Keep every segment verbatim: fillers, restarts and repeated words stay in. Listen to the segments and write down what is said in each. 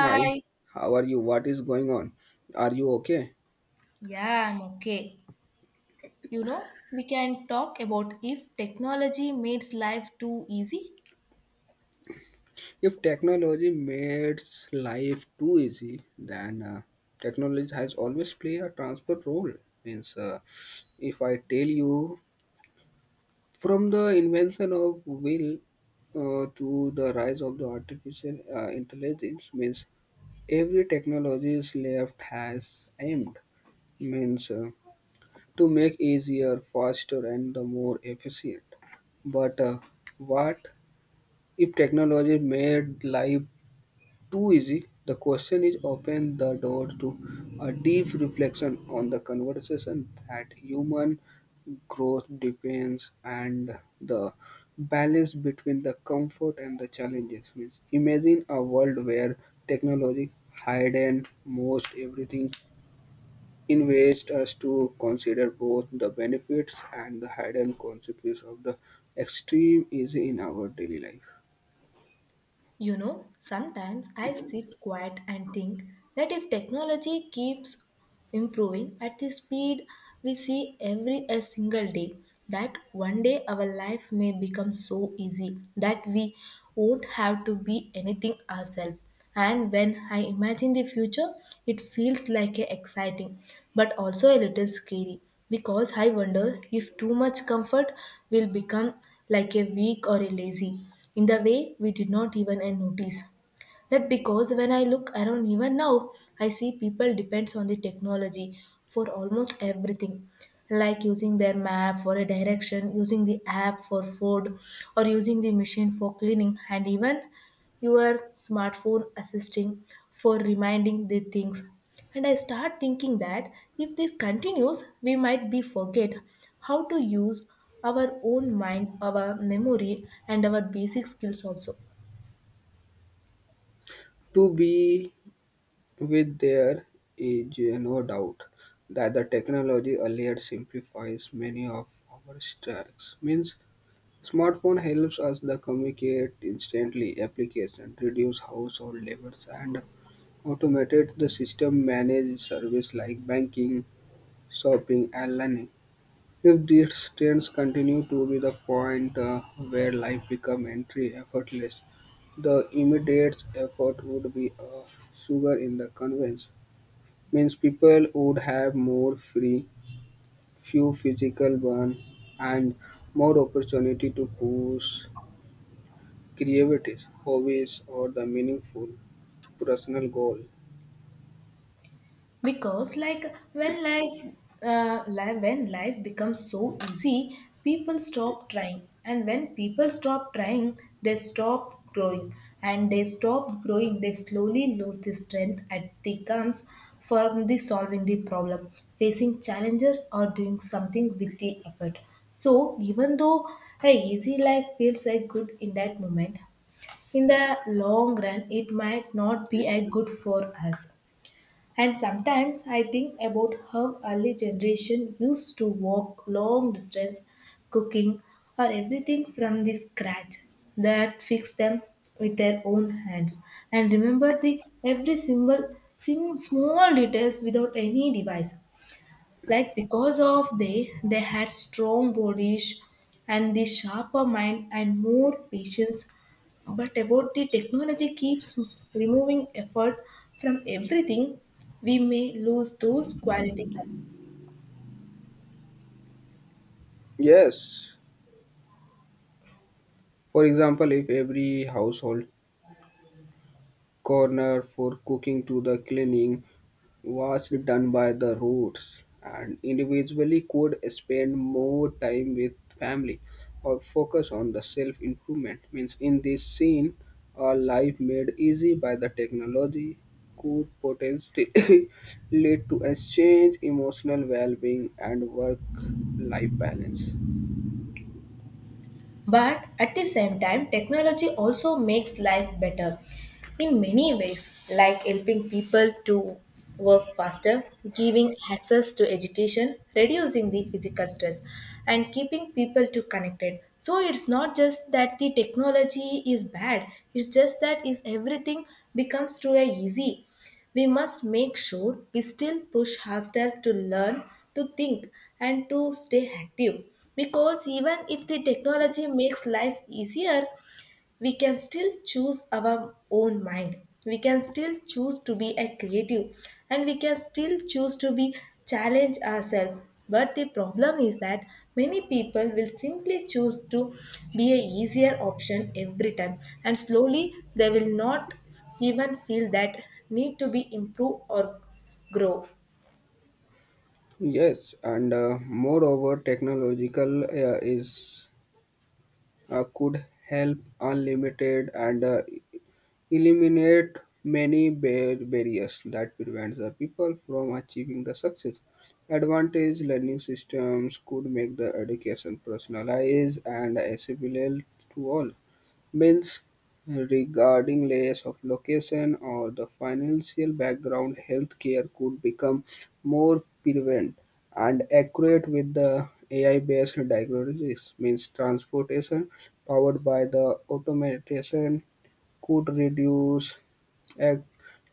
Hi, how are you? What is going on? Are you okay? Yeah, I'm okay. You know, we can talk about if technology makes life too easy. If technology makes life too easy, then uh, technology has always played a transport role. Means, uh, if I tell you from the invention of wheel uh, to the rise of the artificial uh, intelligence, means every technology is left has aimed means uh, to make easier, faster, and the more efficient. But uh, what If technology made life too easy, the question is open the door to a deep reflection on the conversation that human growth depends and the balance between the comfort and the challenges. Means imagine a world where technology hidden most everything invades us to consider both the benefits and the hidden consequences of the extreme easy in our daily life. You know, sometimes I sit quiet and think that if technology keeps improving at the speed we see every a single day, that one day our life may become so easy that we won't have to be anything ourselves. And when I imagine the future, it feels like a exciting but also a little scary because I wonder if too much comfort will become like a weak or a lazy in the way we did not even uh, notice. That because when I look around even now, I see people depends on the technology for almost everything. Like using their map for a direction, using the app for food, or using the machine for cleaning, and even your smartphone assisting for reminding the things and I start thinking that if this continues we might be forget how to use our own mind, our memory, and our basic skills also. To be With There is no doubt that the technology earlier simplifies many of our tasks. Means smartphone helps us to communicate instantly, application reduce household labors and automated the system manage service like banking, shopping and learning. If these trends continue to be the point uh, where life become entry effortless, the immediate effort would be a sugar in the conveyance. Means people would have more free, few physical burn, and more opportunity to push creativity, hobbies, or the meaningful personal goal. Because like when life uh, li- when life becomes so easy, people stop trying, and when people stop trying they stop growing, and they stop growing they slowly lose the strength at the comes from the solving the problem, facing challenges, or doing something with the effort. So even though a easy life feels like good in that moment, in the long run it might not be a good for us. And sometimes I think about how early generation used to walk long distance, cooking or everything from the scratch, that fixed them with their own hands and remember the every symbol sim- small details without any device, like because of they they had strong bodies and the sharper mind and more patience. But about the technology keeps removing effort from everything, we may lose those qualities. Yes, for example, if every household corner for cooking to the cleaning was done by the roots, and individually could spend more time with family or focus on the self improvement. Means in this scene, a life made easy by the technology could potentially lead to a change emotional well-being and work-life balance. But at the same time, technology also makes life better in many ways, like helping people to work faster, giving access to education, reducing the physical stress, and keeping people to connected. So it's not just that the technology is bad, it's just that is everything becomes too easy we must make sure we still push ourselves to learn, to think, and to stay active. Because even if the technology makes life easier, we can still choose our own mind, we can still choose to be a creative, and we can still choose to be challenge ourselves. But the problem is that many people will simply choose to be a easier option every time, and slowly they will not even feel that need to be improve or grow. Yes, and uh, moreover, technological uh, is uh, could help unlimited and uh, eliminate many bar- barriers that prevent the people from achieving the success. Advantage learning systems could make the education personalized and accessible to all. Means regarding layers of location or the financial background, healthcare could become more prevalent and accurate with the A I-based diagnosis. Means transportation powered by the automation could reduce ac-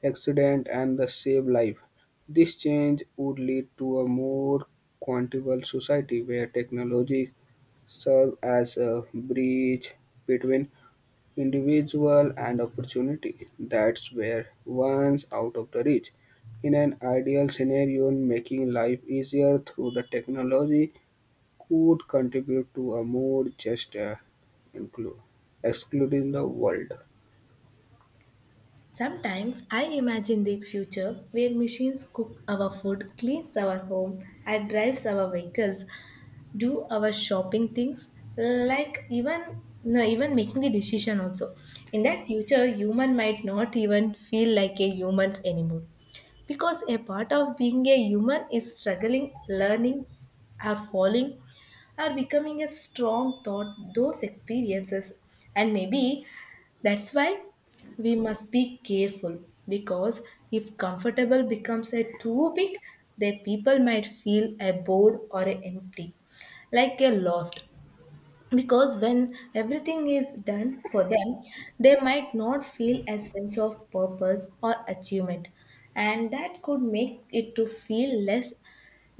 accident and the save life. This change would lead to a more quantifiable society where technology serve as a bridge between individual and opportunity that's where once out of the reach in an ideal scenario making life easier through the technology could contribute to a more just uh, inclu- excluding the world. Sometimes I imagine the future where machines cook our food, cleans our home, and drives our vehicles, do our shopping things, like even no, even making the decision also. In that future human might not even feel like a humans anymore, because a part of being a human is struggling, learning, or falling, or becoming a strong thought, those experiences. And maybe that's why we must be careful, because if comfortable becomes a too big, the people might feel a bored or a empty, like a lost, because when everything is done for them they might not feel a sense of purpose or achievement, and that could make it to feel less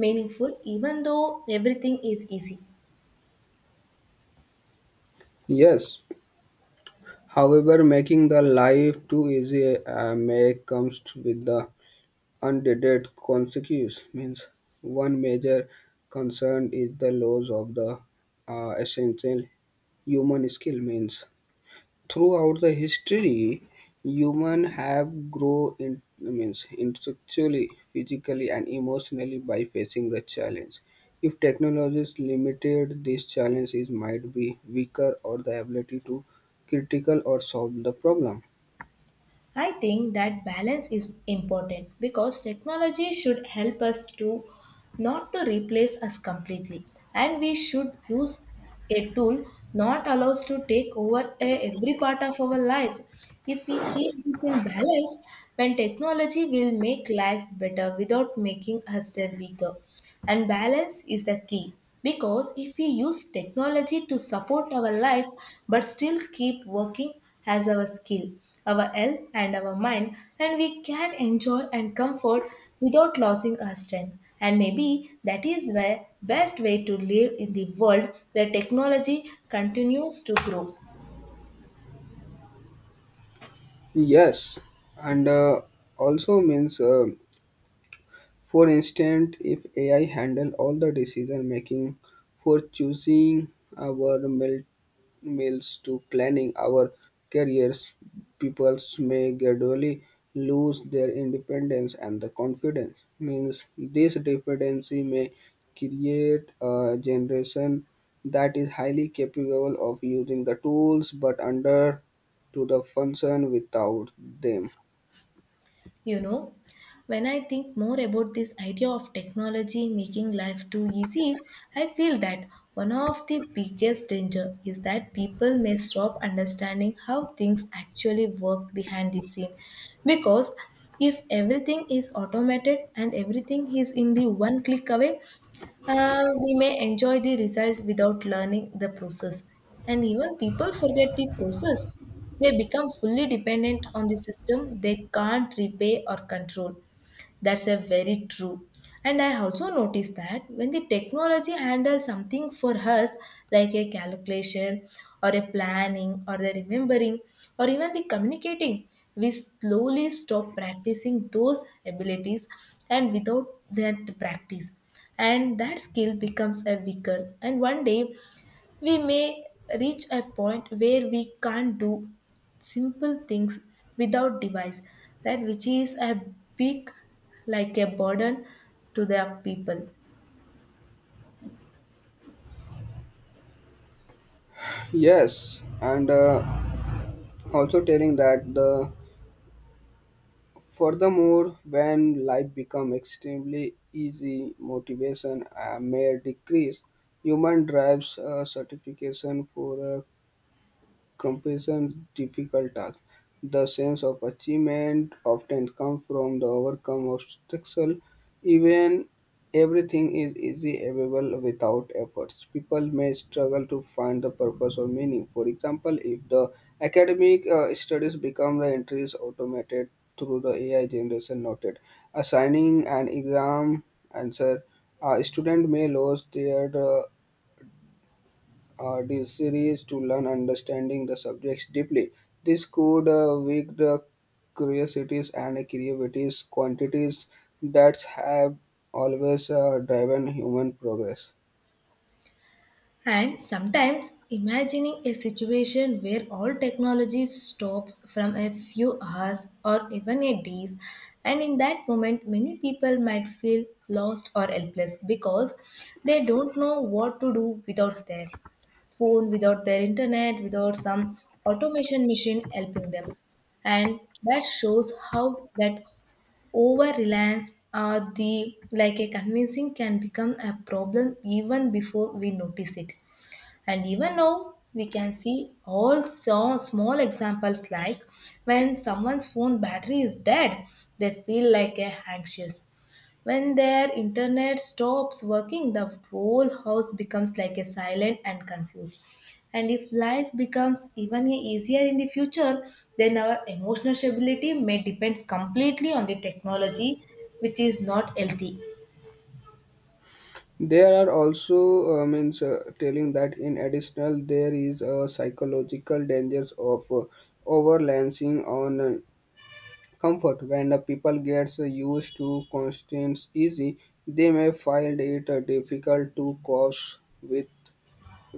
meaningful even though everything is easy. Yes. However, making the life too easy uh, may comes with the unintended consequences. Means one major concern is the loss of the uh, essential human skill. Means throughout the history, human have grow in means intellectually, physically, and emotionally by facing the challenge. If technology is limited, this challenge is might be weaker or the ability to critical or solve the problem. I think that balance is important because technology should help us to not to replace us completely, and we should use a tool not allows to take over a, every part of our life. If we keep this in balance, when technology will make life better without making us a weaker. And balance is the key, because if we use technology to support our life but still keep working as our skill, our health, and our mind, and we can enjoy and comfort without losing our strength. And maybe that is the best way to live in the world where technology continues to grow. Yes, and uh, also means, uh, for instance, if A I handle all the decision making for choosing our military meals to planning our careers, peoples may gradually lose their independence and the confidence. Means this dependency may create a generation that is highly capable of using the tools but under to the function without them. You know, when I think more about this idea of technology making life too easy, I feel that one of the biggest danger is that people may stop understanding how things actually work behind the scene, because if everything is automated and everything is in the one click away, uh, we may enjoy the result without learning the process. And even people forget the process. They become fully dependent on the system they can't repay or control. That's a very true. And I also noticed that when the technology handles something for us, like a calculation or a planning or the remembering or even the communicating, we slowly stop practicing those abilities and without that practice. And that skill becomes a weaker. And one day we may reach a point where we can't do simple things without device, right, which is a big like a burden to the people. Yes, and uh, also telling that the furthermore, when life becomes extremely easy, motivation uh, may decrease. Human drives uh, certification for uh, comparison difficult task. The sense of achievement often comes from the overcome obstacle. Even everything is easy available without efforts. People may struggle to find the purpose or meaning. For example, if the academic uh, studies become the entries automated through the A I generation noted, assigning an exam answer, a student may lose their uh, uh, this series to learn understanding the subjects deeply. This could uh, wake the curiosities and creativities quantities that have always uh, driven human progress. And sometimes imagining a situation where all technology stops from a few hours or even a days, and in that moment many people might feel lost or helpless, because they don't know what to do without their phone, without their internet, without some automation machine helping them. And that shows how that over reliance or the like a convincing can become a problem even before we notice it. And even now, we can see all so small examples, like when someone's phone battery is dead, they feel like a anxious. When their internet stops working, the whole house becomes like a silent and confused. And if life becomes even easier in the future, then our emotional stability may depends completely on the technology, which is not healthy. There are also uh, means uh, telling that in additional there is a psychological dangers of uh, overlancing on uh, comfort when uh, people gets uh, used to constant easy, they may find it uh, difficult to cope with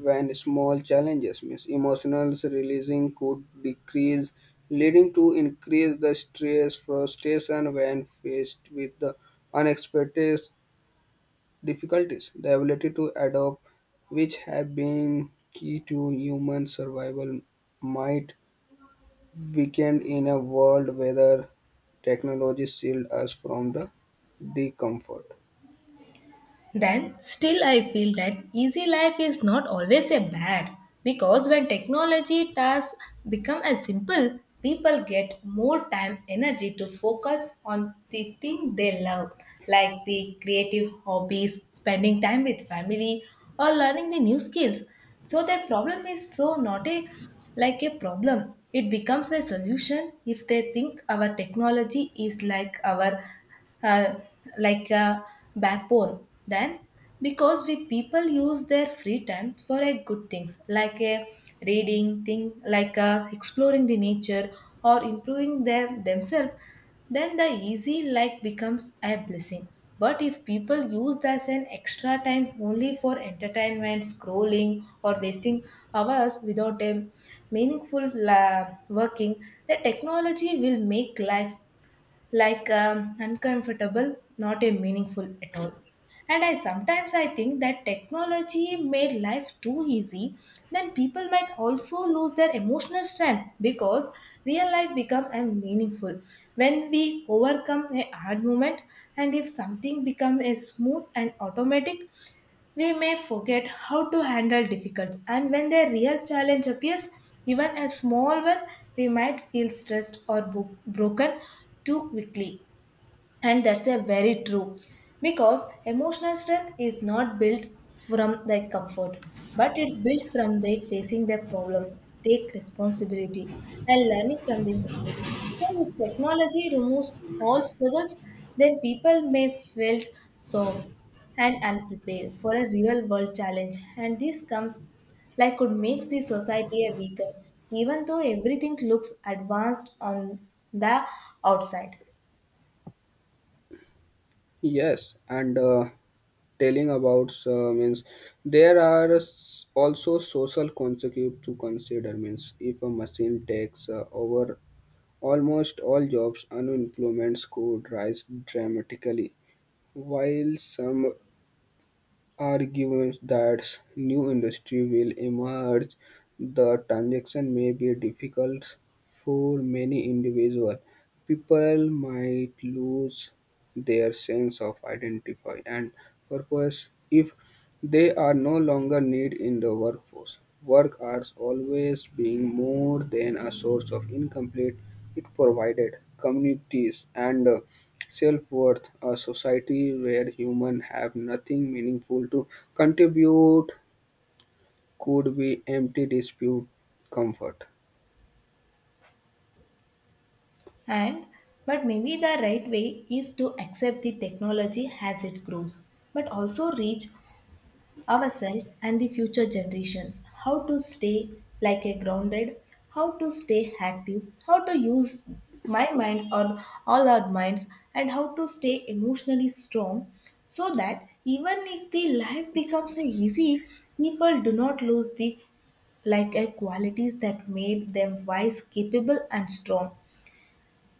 when small challenges miss emotional releasing could decrease, leading to increase the stress frustration when faced with the unexpected difficulties. The ability to adapt, which have been key to human survival, might weaken in a world where technology shield us from the discomfort. Then, still, I feel that easy life is not always a bad, because when technology tasks become as simple, people get more time energy to focus on the thing they love, like the creative hobbies, spending time with family, or learning the new skills. So their problem is so not a like a problem. It becomes a solution if they think our technology is like our uh, like a backbone, then, because we people use their free time for a good things, like a reading thing, like a exploring the nature or improving their themselves, then the easy like becomes a blessing. But if people use this as an extra time only for entertainment scrolling or wasting hours without a meaningful la- working, the technology will make life like um, uncomfortable, not a meaningful at all. And I sometimes I think that technology made life too easy, then people might also lose their emotional strength, because real life become a meaningful when we overcome a hard moment, and if something become a smooth and automatic we may forget how to handle difficult, and when the real challenge appears, even a small one, we might feel stressed or bo- broken too quickly. And that's a very true, because emotional strength is not built from the comfort, but it's built from the facing the problem, take responsibility, and learning from the mistake. So if technology removes all struggles, then people may feel soft and unprepared for a real world challenge, and this comes like could make the society a weaker, even though everything looks advanced on the outside. Yes, and uh, telling about uh, means there are s- also social consequences to consider. Means if a machine takes uh, over almost all jobs, unemployment could rise dramatically. While some argues that new industry will emerge, the transition may be difficult for many individuals. People might lose their sense of identity and purpose if they are no longer needed in the workforce. Work hours always being more than a source of income, it provided communities and uh, self-worth. A society where humans have nothing meaningful to contribute could be empty dispute comfort. And but maybe the right way is to accept the technology as it grows, but also reach ourselves and the future generations how to stay like a grounded, how to stay active, how to use my minds or all our minds, and how to stay emotionally strong, so that even if the life becomes a easy, people do not lose the like a qualities that made them wise, capable, and strong.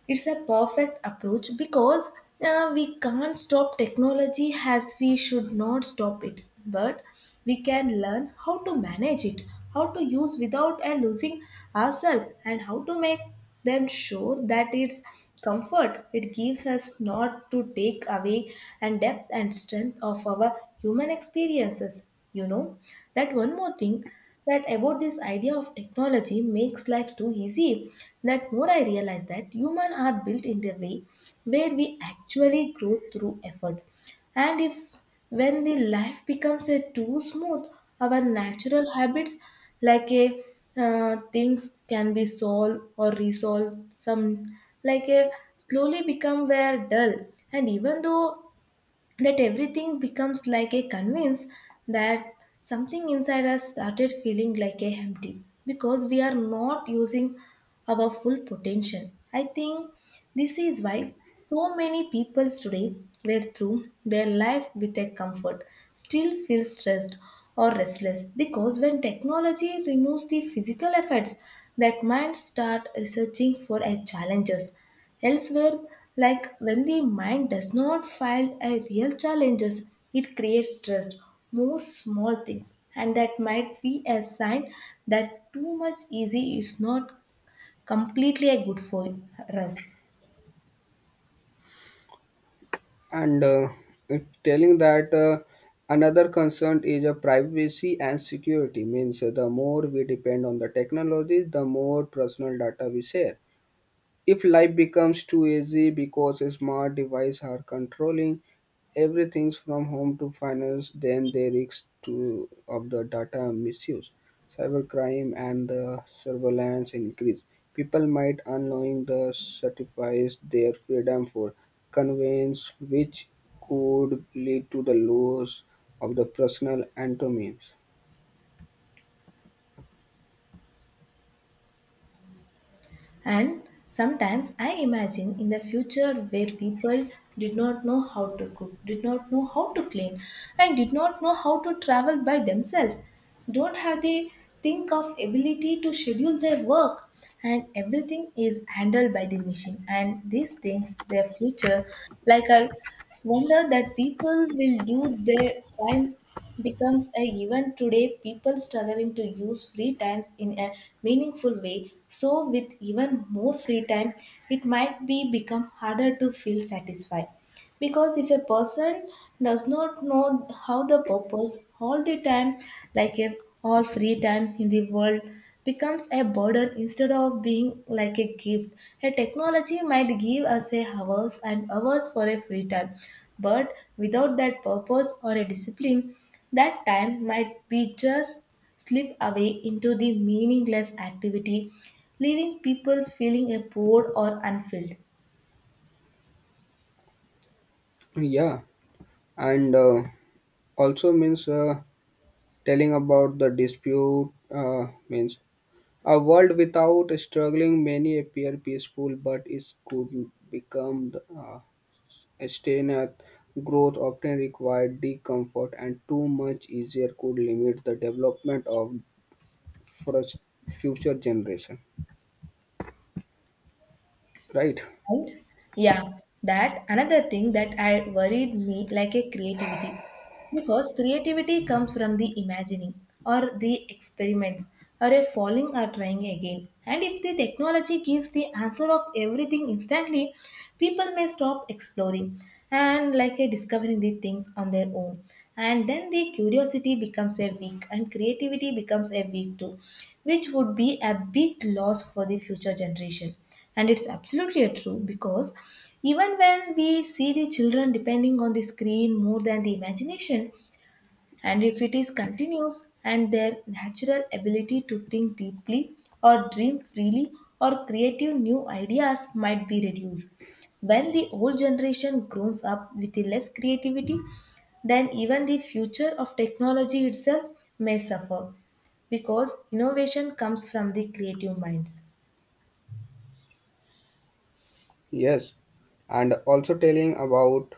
It's a perfect approach because uh, we can't stop technology as we should not stop it, but we can learn how to manage it, how to use without uh, losing ourselves, and how to make them sure that its comfort it gives us not to take away and depth and strength of our human experiences. You know that one more thing that about this idea of technology makes life too easy, that more I realize that humans are built in the way where we actually grow through effort, and if when the life becomes a too smooth our natural habits like a uh, things can be solved or resolved some like a slowly become were dull. And even though that everything becomes like a convince, that something inside us started feeling like a empty because we are not using our full potential. I think this is why so many people today were through their life with a comfort still feel stressed or restless, because when technology removes the physical efforts, that mind start researching for a challenges. Elsewhere, like when the mind does not find a real challenges, it creates stress, more small things, and that might be a sign that too much easy is not completely a good for us. And uh, it telling that uh, another concern is a privacy and security. Means the more we depend on the technology, the more personal data we share. If life becomes too easy because smart devices are controlling everything from home to finance, then there is to of the data misuse, cybercrime, and the surveillance increase. People might unknowing the sacrifice their freedom for convenience, which could lead to the loss of the personal autonomy. And sometimes I imagine in the future where people did not know how to cook, did not know how to clean, and did not know how to travel by themselves, don't have the think of ability to schedule their work, and everything is handled by the machine. And these things, their future, like a wonder that people will do their time becomes a given today. People struggling to use free times in a meaningful way. So with even more free time, it might be become harder to feel satisfied because if a person does not know how the purpose all the time, like a all free time in the world becomes a burden instead of being like a gift. A technology might give us a hours and hours for a free time, but without that purpose or a discipline, that time might be just slip away into the meaningless activity, leaving people feeling a bored or unfilled. Yeah, and uh, also means uh, telling about the dispute uh, means a world without struggling many appear peaceful, but it could become uh, a stagnant. Growth often required discomfort, and too much easier could limit the development of first future generation. Right? Right? Yeah, that another thing that I worried me like a creativity, because creativity comes from the imagining or the experiments or a falling or trying again. And if the technology gives the answer of everything instantly, people may stop exploring and like a discovering the things on their own. And then the curiosity becomes a weak and creativity becomes a weak too, which would be a big loss for the future generation. And it's absolutely a true, because even when we see the children depending on the screen more than the imagination, and if it is continuous and their natural ability to think deeply or dream freely or creative new ideas might be reduced. When the old generation grows up with the less creativity, then even the future of technology itself may suffer, because innovation comes from the creative minds. Yes. And also telling about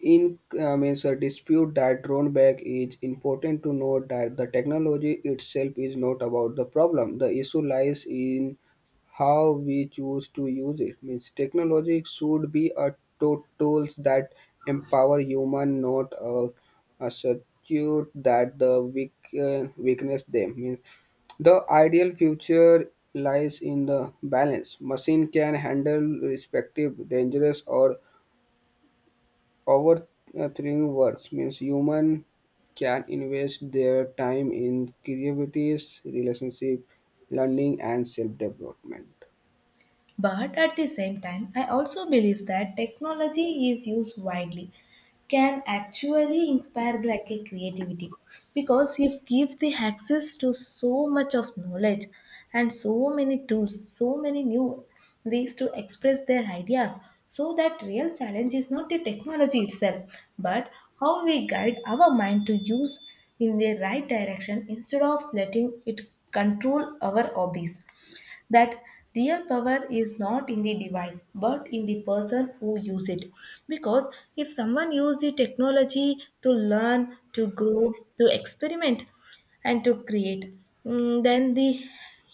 in uh, means a dispute that drawn back is important to note that the technology itself is not about the problem. The issue lies in how we choose to use it. Means technology should be a to- tools that empower human, not a, a substitute that the weak uh, weakness them. Means the ideal future lies in the balance. Machine can handle respective dangerous or over uh, three words means human can invest their time in creativities, relationship, learning, and self-development. But at the same time, I also believe that technology is used widely can actually inspire like a creativity, because it gives the access to so much of knowledge and so many tools, so many new ways to express their ideas. So that real challenge is not the technology itself, but how we guide our mind to use in the right direction instead of letting it control our hobbies. That real power is not in the device but in the person who use it, because if someone use the technology to learn to grow to experiment and to create, mm, then the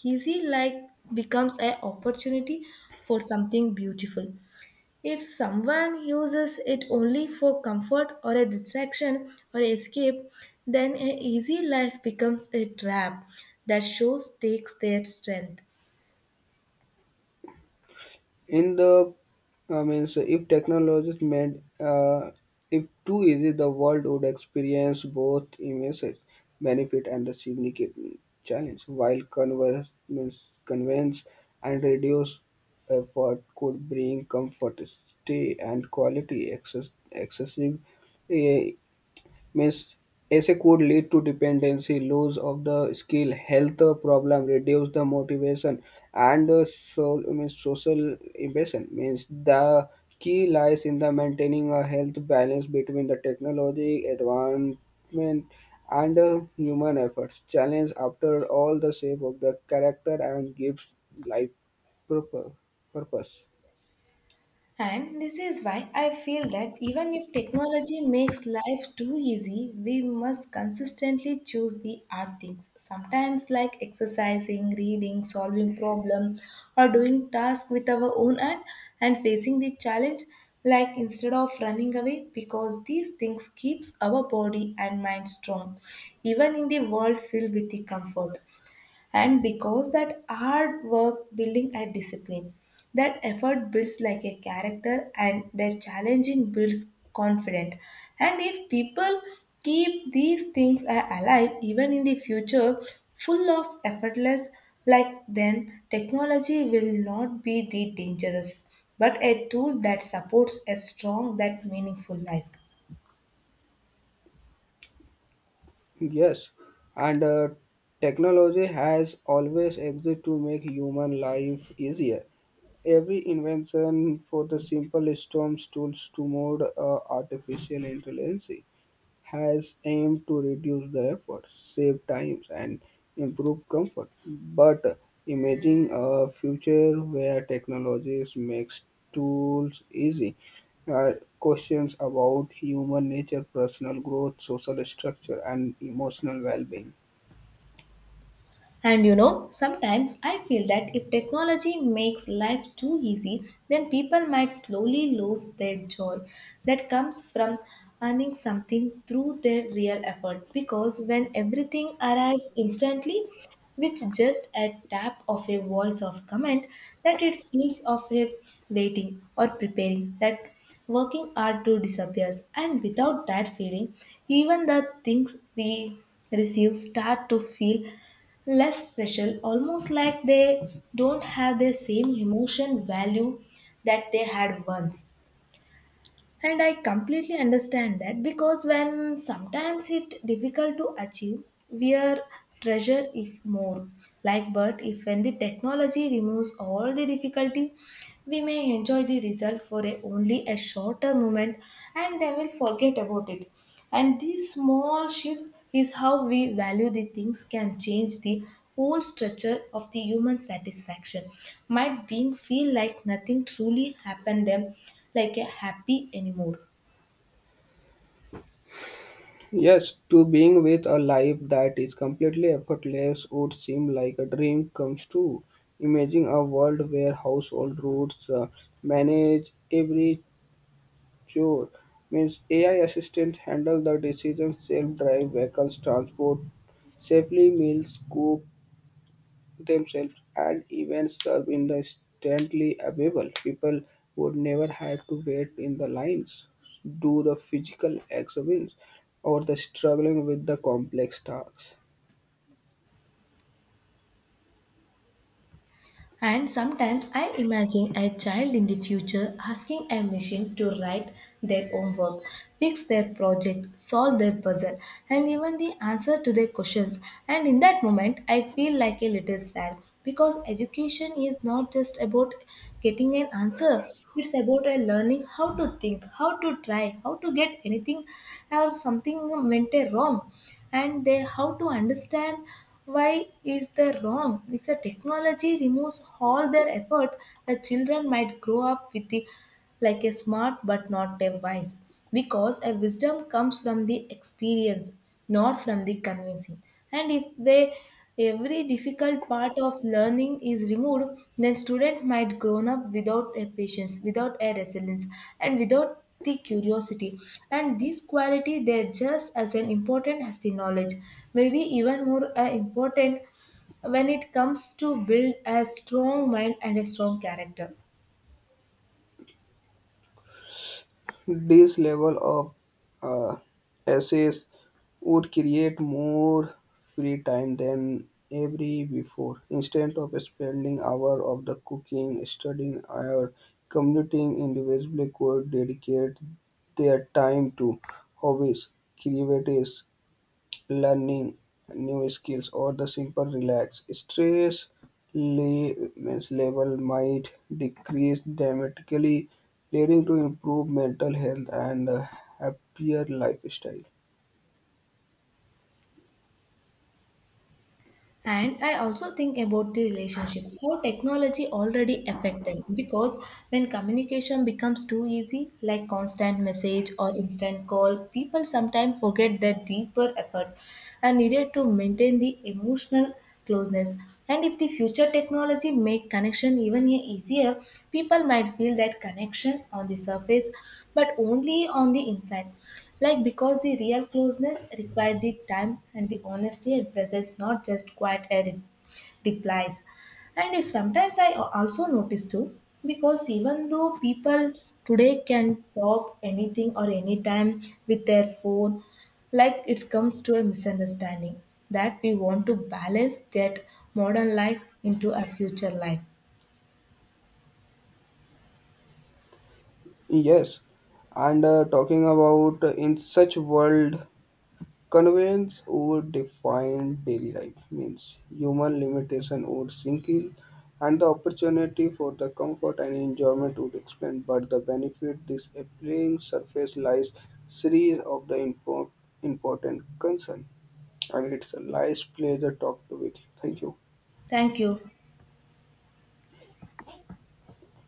easy like becomes an opportunity for something beautiful. If someone uses it only for comfort or a distraction or escape, then an easy life becomes a trap that shows takes their strength. In the I mean, so if technologies made uh, if too easy, the world would experience both immense benefit and the significant challenge. While converse means convenience and reduce effort could bring comfort stay and quality access excessive, eh, means as could lead to dependency, loss of the skill, health problem, reduce the motivation, and the so, means social ambition. Means the key lies in the maintaining a health balance between the technology advancement and uh, human efforts. Challenge after all the shape of the character and gives life purpo- purpose. And this is why I feel that even if technology makes life too easy, we must consistently choose the hard things. Sometimes, like exercising, reading, solving problems, or doing tasks with our own hand and facing the challenge, like instead of running away, because these things keeps our body and mind strong, even in the world filled with the comfort. And because that hard work building a discipline, that effort builds like a character and their challenging builds confident. And if people keep these things a- alive even in the future full of effortless, like then technology will not be the dangerous, but a tool that supports a strong that meaningful life. Yes, and uh, technology has always existed to make human life easier. Every invention for the simple storms tools to more uh, artificial intelligence has aimed to reduce the effort, save time, and improve comfort. But imagining a future where technologies makes tools easy. Uh, Questions about human nature, personal growth, social structure, and emotional well-being. And you know, sometimes I feel that if technology makes life too easy, then people might slowly lose their joy that comes from earning something through their real effort. Because when everything arrives instantly, which just a tap of a voice of command, that it feels of a waiting or preparing, that working hard to disappears. And without that feeling, even the things we receive start to feel less special, almost like they don't have the same emotion value that they had once. And I completely understand that because when sometimes it difficult to achieve, we are treasure if more. Like but if when the technology removes all the difficulty, we may enjoy the result for a, only a shorter moment, and then we'll forget about it. And this small shift is how we value the things can change the whole structure of the human satisfaction. Might being feel like nothing truly happened them like a happy anymore. Yes, to being with a life that is completely effortless would seem like a dream comes true. Imagine a world where household rules uh, manage every. Sure. Means A I assistant handle the decisions, self-drive vehicles, transport, safely meals, cook themselves, and even serve in the instantly available. People would never have to wait in the lines, do the physical exams, or the struggling with the complex tasks. And sometimes I imagine a child in the future asking a machine to write their own work, fix their project, solve their puzzle, and even the answer to their questions. And in that moment, I feel like a little sad, because education is not just about getting an answer, it's about a learning how to think, how to try, how to get anything or something went wrong, and they how to understand why is that wrong? If the technology removes all their effort, the children might grow up with the like a smart but not a wise. Because a wisdom comes from the experience, not from the convincing. And if they every difficult part of learning is removed, then student might grown up without a patience, without a resilience, and without the curiosity. And this quality they're just as an important as the knowledge, maybe even more uh, important when it comes to build a strong mind and a strong character. This level of uh, access would create more free time than every before. Instead of spending hours of the cooking, studying, or commuting, individually could dedicate their time to hobbies, creatives, learning new skills or the simple relax. Stress le- means level might decrease dramatically, leading to improved mental health and a happier lifestyle. And I also think about the relationship how technology already affect them, because when communication becomes too easy like constant message or instant call, people sometimes forget the deeper effort and needed to maintain the emotional closeness. And if the future technology make connection even e- easier, people might feel that connection on the surface but only on the inside, like because the real closeness requires the time and the honesty and presence, not just quiet air replies. And if sometimes I al- also notice too, because even though people today can talk anything or anytime with their phone, like it comes to a misunderstanding that we want to balance that modern life into a future life. Yes, and uh, talking about uh, in such world, conveyance would define daily life. Means human limitation would sink in, and the opportunity for the comfort and enjoyment would expand. But the benefit this appealing surface lies series of the impor- important concern, and it's a nice pleasure talk to with you. Thank you. Thank you.